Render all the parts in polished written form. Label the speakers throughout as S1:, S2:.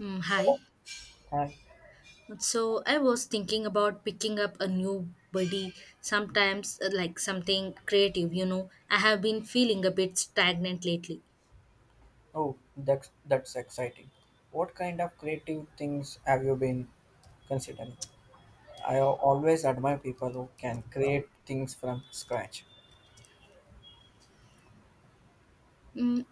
S1: Mm, hi.
S2: Hi.
S1: So I was thinking about picking up a new buddy sometimes, like something creative, you know. I have been feeling a bit stagnant lately.
S2: Oh, that's exciting. What kind of creative things have you been considering? I always admire people who can create things from scratch.
S1: Mm,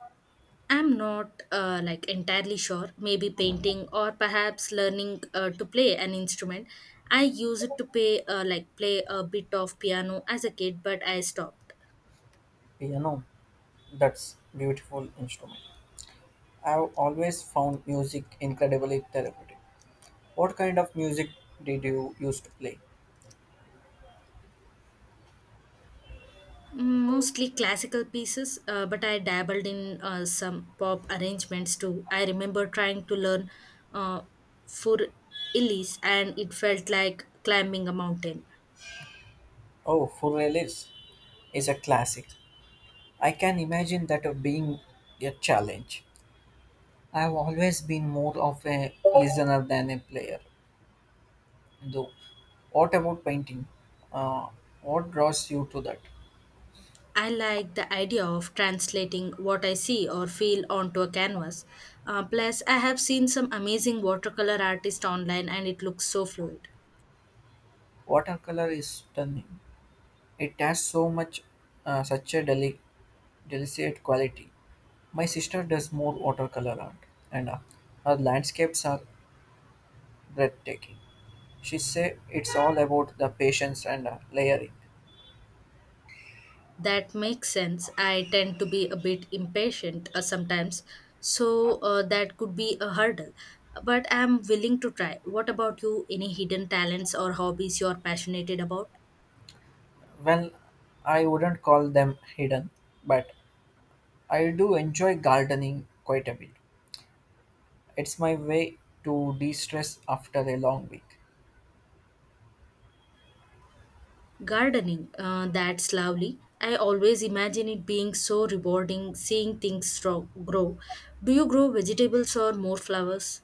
S1: I'm not like entirely sure. Maybe painting or perhaps learning to play an instrument. I used to play a bit of piano as a kid, but I stopped.
S2: Piano, that's beautiful instrument. I've always found music incredibly therapeutic. What kind of music did you used to play?
S1: Mostly classical pieces, but I dabbled in some pop arrangements too. I remember trying to learn uh, for Elise, and it felt like climbing a mountain.
S2: Oh, full release is a classic. I can imagine that of being a challenge. I've always been more of a listener than a player. Though, what about painting? Uh, what draws you to that?
S1: I like the idea of translating what I see or feel onto a canvas. Plus, I have seen some amazing watercolor artists online, and it looks so fluid.
S2: Watercolor is stunning. It has so much, such a delicate quality. My sister does more watercolor art, and her landscapes are breathtaking. She say it's all about the patience and layering.
S1: That makes sense. I tend to be a bit impatient sometimes, so that could be a hurdle. But I'm willing to try. What about you? Any hidden talents or hobbies you're passionate about?
S2: Well, I wouldn't call them hidden, but I do enjoy gardening quite a bit. It's my way to de-stress after a long week.
S1: Gardening, that's lovely. I always imagine it being so rewarding seeing things grow. Do you grow vegetables or more flowers?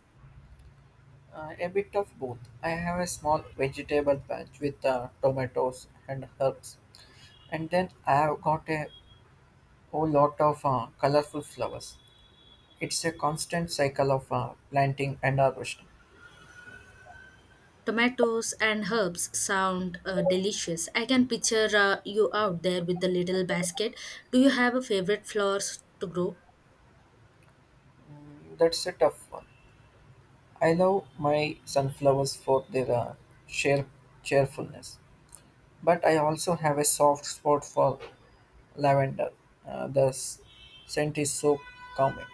S2: A bit of both. I have a small vegetable patch with tomatoes and herbs, and then I have got a whole lot of colorful flowers. It's a constant cycle of planting and harvesting.
S1: Tomatoes and herbs sound delicious. I can picture you out there with the little basket. Do you have a favorite flowers to grow?
S2: That's a tough one. I love my sunflowers for their sheer cheerfulness, but I also have a soft spot for lavender. The scent is so calming.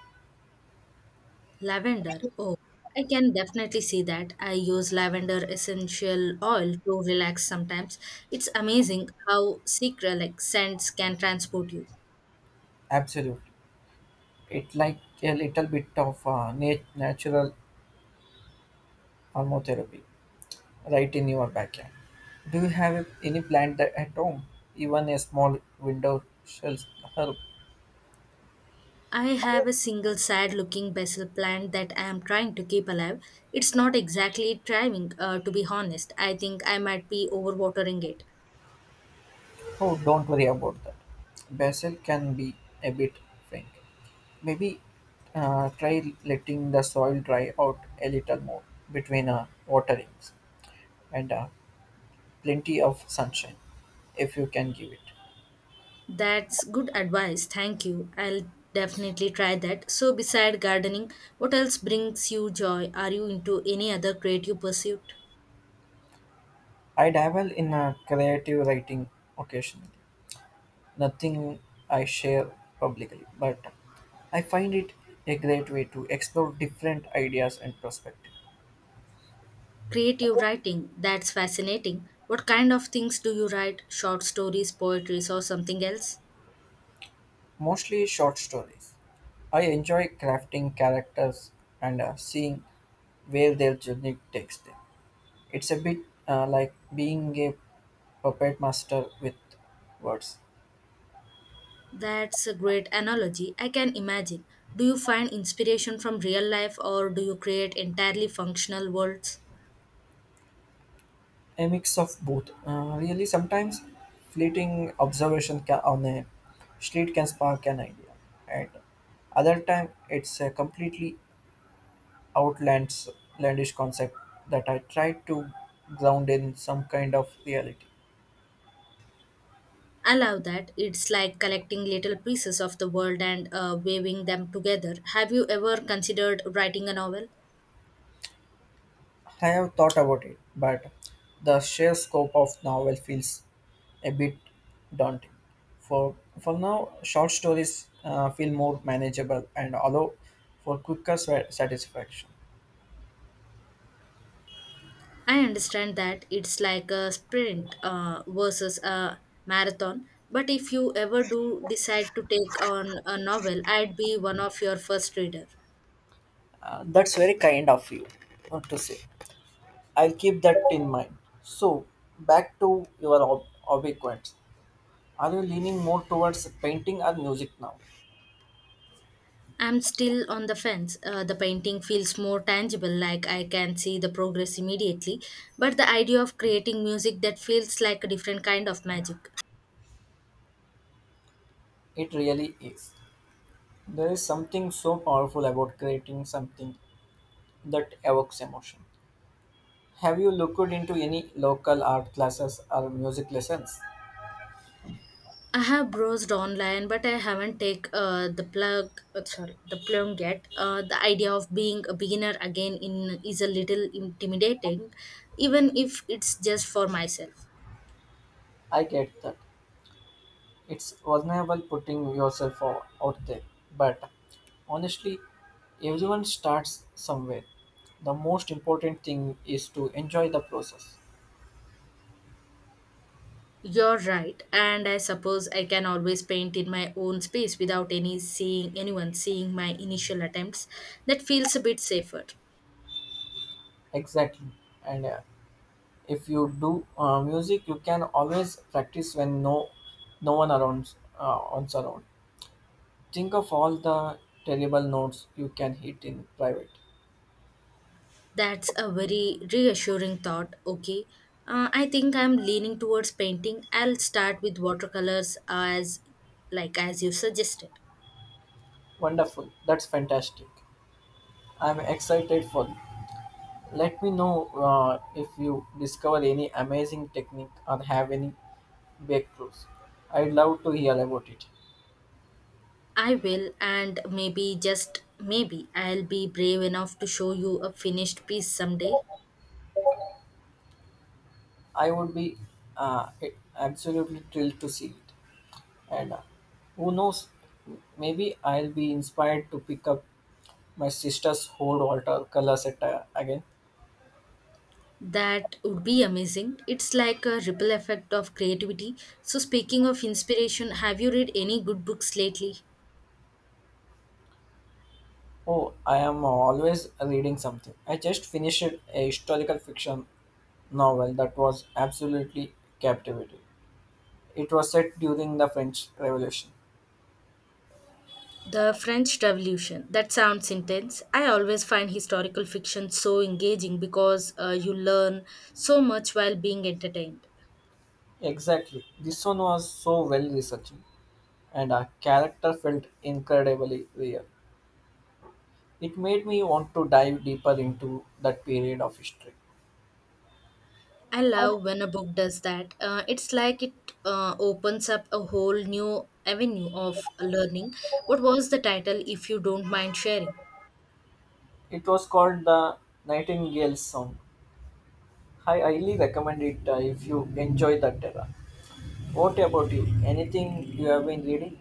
S1: Lavender. Oh, I can definitely see that. I use lavender essential oil to relax sometimes. It's amazing how psychedelic scents can transport you.
S2: Absolutely. It like a little bit of natural aromatherapy right in your backyard. Do you have any plant that at home? Even a small window shall help.
S1: I have a single sad looking basil plant that I am trying to keep alive. It's not exactly thriving, to be honest. I think I might be overwatering it.
S2: Oh, don't worry about that. Basil can be a bit frank. Maybe try letting the soil dry out a little more between waterings and plenty of sunshine if you can give it.
S1: That's good advice. Thank you. I'll definitely try that. So, beside gardening, what else brings you joy? Are you into any other creative pursuit?
S2: I dabble in creative writing occasionally, nothing I share publicly, but I find it a great way to explore different ideas and perspectives,
S1: Creative writing. That's fascinating. What kind of things do you write? Short stories, poetries, or something else?
S2: mostly short stories. I enjoy crafting characters and seeing where their journey takes them. It's a bit like being a puppet master with words.
S1: That's a great analogy. I can imagine. Do you find inspiration from real life or do you create entirely functional worlds?
S2: A mix of both. Really, sometimes fleeting observation on a street can spark an idea, and other time it's a completely outlands- outlandish concept that I try to ground in some kind of reality.
S1: I love that. It's like collecting little pieces of the world and weaving them together. Have you ever considered writing a novel?
S2: I have thought about it, but the sheer scope of novel feels a bit daunting. For for now, short stories feel more manageable and allow for quicker satisfaction.
S1: I understand that it's like a sprint versus a marathon, but if you ever do decide to take on a novel, I'd be one of your first reader.
S2: That's very kind of you to say. I'll keep that in mind. So, back to your obequent. Are you leaning more towards painting or music now?
S1: I'm still on the fence. The painting feels more tangible, like I can see the progress immediately, but the idea of creating music that feels like a different kind of magic.
S2: It really is. There is something so powerful about creating something that evokes emotion. Have you looked into any local art classes or music lessons?
S1: I have browsed online, but I haven't take the plunge yet. The idea of being a beginner again in is a little intimidating, even if it's just for myself.
S2: I get that. It's vulnerable putting yourself out there. But honestly, everyone starts somewhere. The most important thing is to enjoy the process.
S1: You're right, and I suppose I can always paint in my own space without anyone seeing my initial attempts. That feels a bit safer.
S2: Exactly. And if you do music, you can always practice when no one around on's around. Think of all the terrible notes you can hit in private.
S1: That's a very reassuring thought. Okay. I think I'm leaning towards painting. I'll start with watercolors as you suggested.
S2: Wonderful. That's fantastic. I'm excited for. Let me know if you discover any amazing technique or have any breakthroughs. I'd love to hear about it.
S1: I will, and maybe just maybe I'll be brave enough to show you a finished piece someday.
S2: I would be uh, absolutely thrilled to see it. And who knows, maybe I'll be inspired to pick up my sister's whole watercolor set again.
S1: That would be amazing. It's like a ripple effect of creativity. So speaking of inspiration, have you read any good books lately?
S2: Oh, I am always reading something. I just finished a historical fiction novel that was absolutely captivating. It was set during the French Revolution.
S1: The French Revolution. That sounds intense. I always find historical fiction so engaging because you learn so much while being entertained.
S2: Exactly. This one was so well researched, and our character felt incredibly real. It made me want to dive deeper into that period of history.
S1: I love when a book does that. It's like it opens up a whole new avenue of learning. What was the title, if you don't mind sharing?
S2: It was called the Nightingale Song. I highly recommend it if you enjoy that era. What about you? Anything you have been reading?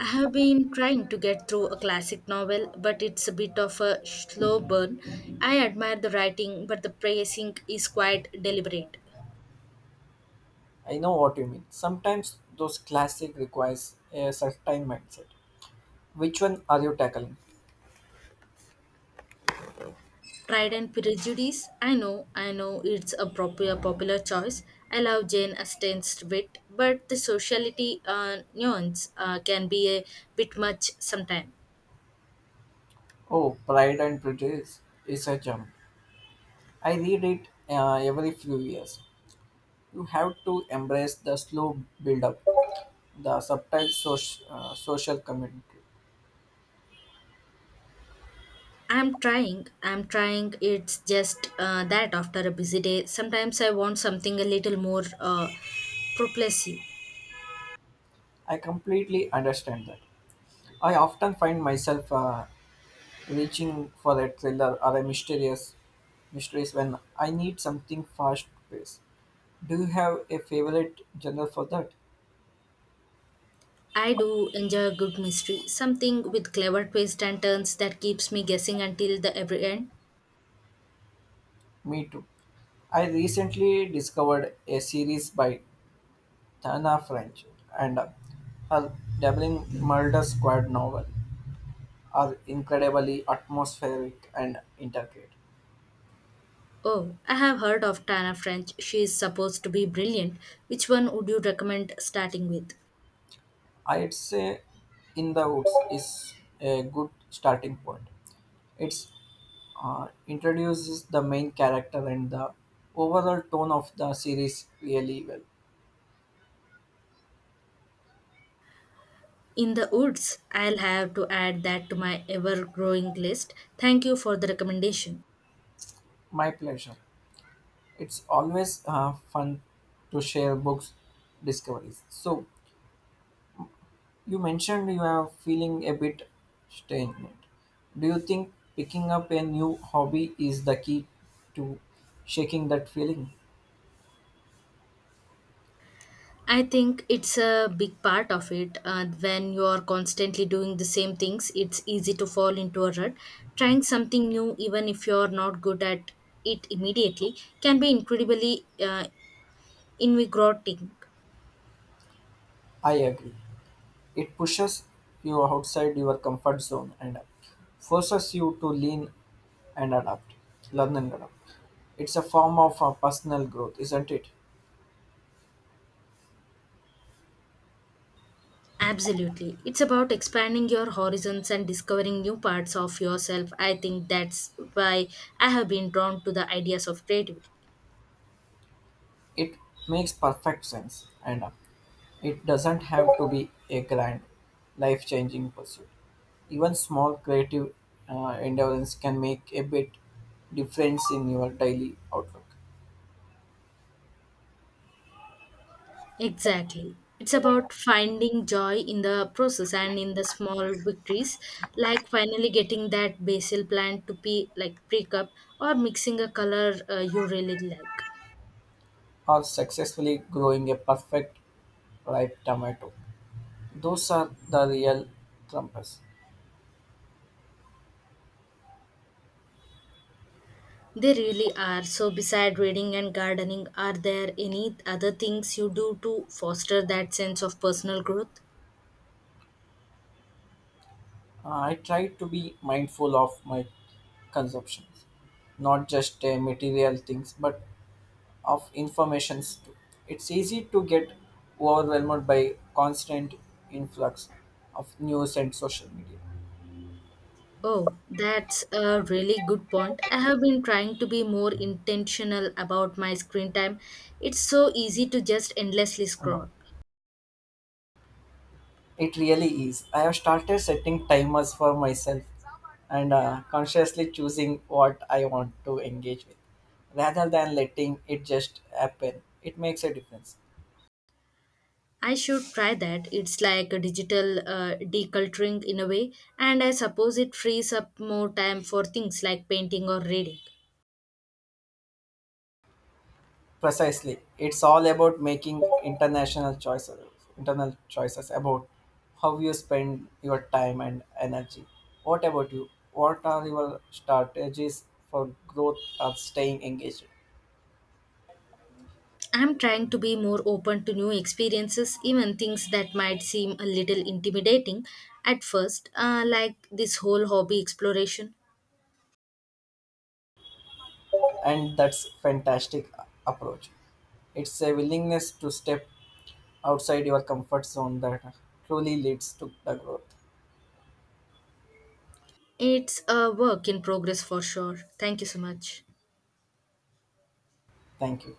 S1: I have been trying to get through a classic novel, but it's a bit of a slow burn. I admire the writing, but the pacing is quite deliberate.
S2: I know what you mean. Sometimes those classic requires a certain mindset. Which one are you tackling?
S1: Pride and Prejudice. I know it's a popular choice. I love Jane Austen's wit, but the sociality nuance can be a bit much sometimes.
S2: Oh, Pride and Prejudice is a gem. I read it every few years. You have to embrace the slow build up, the subtle social commentary.
S1: I'm trying, I'm trying. It's just that after a busy day, sometimes I want something a little more propulsive.
S2: I completely understand that. I often find myself reaching for a thriller or a mysterious mysteries when I need something fast paced. Do you have a favorite genre for that?
S1: I do enjoy a good mystery, something with clever twists and turns that keeps me guessing until the every end.
S2: Me too. I recently discovered a series by Tana French, and her dabbling murder squad novel are incredibly atmospheric and intricate.
S1: Oh, I have heard of Tana French. She is supposed to be brilliant. Which one would you recommend starting with?
S2: I'd say In the Woods is a good starting point. It introduces the main character and the overall tone of the series really well.
S1: In the Woods. I'll have to add that to my ever growing list. Thank you for the recommendation.
S2: My pleasure. It's always fun to share books discoveries. So, you mentioned you are feeling a bit stagnant. Do you think picking up a new hobby is the key to shaking that feeling?
S1: I think it's a big part of it. When you are constantly doing the same things, it's easy to fall into a rut. Trying something new, even if you're not good at it immediately, can be incredibly invigorating.
S2: I agree. It pushes you outside your comfort zone and forces you to and adapt, learn and adapt. It's a form of personal growth, isn't it?
S1: Absolutely. It's about expanding your horizons and discovering new parts of yourself. I think that's why I have been drawn to the ideas of creativity.
S2: It makes perfect sense. And it doesn't have to be a grand, life changing pursuit. Even small creative endeavors can make a bit difference in your daily outlook
S1: Exactly. It's about finding joy in the process and in the small victories, like finally getting that basil plant to be like pick up or mixing a color you really like.
S2: or successfully growing a perfect ripe tomato. Those are the real trumpers.
S1: They really are. So, beside reading and gardening, are there any other things you do to foster that sense of personal growth?
S2: I try to be mindful of my consumptions, not just material things, but of informations. It's easy to get overwhelmed by constant influx of news and social media.
S1: Oh, that's a really good point. I have been trying to be more intentional about my screen time. It's so easy to just endlessly
S2: No,
S1: scroll.
S2: it really is. I have started setting timers for myself and consciously choosing what I want to engage with rather than letting it just happen. It makes a difference.
S1: I should try that. It's like a digital deculturing in a way, and I suppose it frees up more time for things like painting or reading.
S2: Precisely. It's all about making internal choices about how you spend your time and energy. What about you? What are your strategies for growth or staying engaged?
S1: I'm trying to be more open to new experiences, even things that might seem a little intimidating at first, like this whole hobby exploration.
S2: And that's fantastic approach. It's a willingness to step outside your comfort zone that truly leads to the growth.
S1: It's a work in progress for sure. Thank you so much.
S2: Thank you.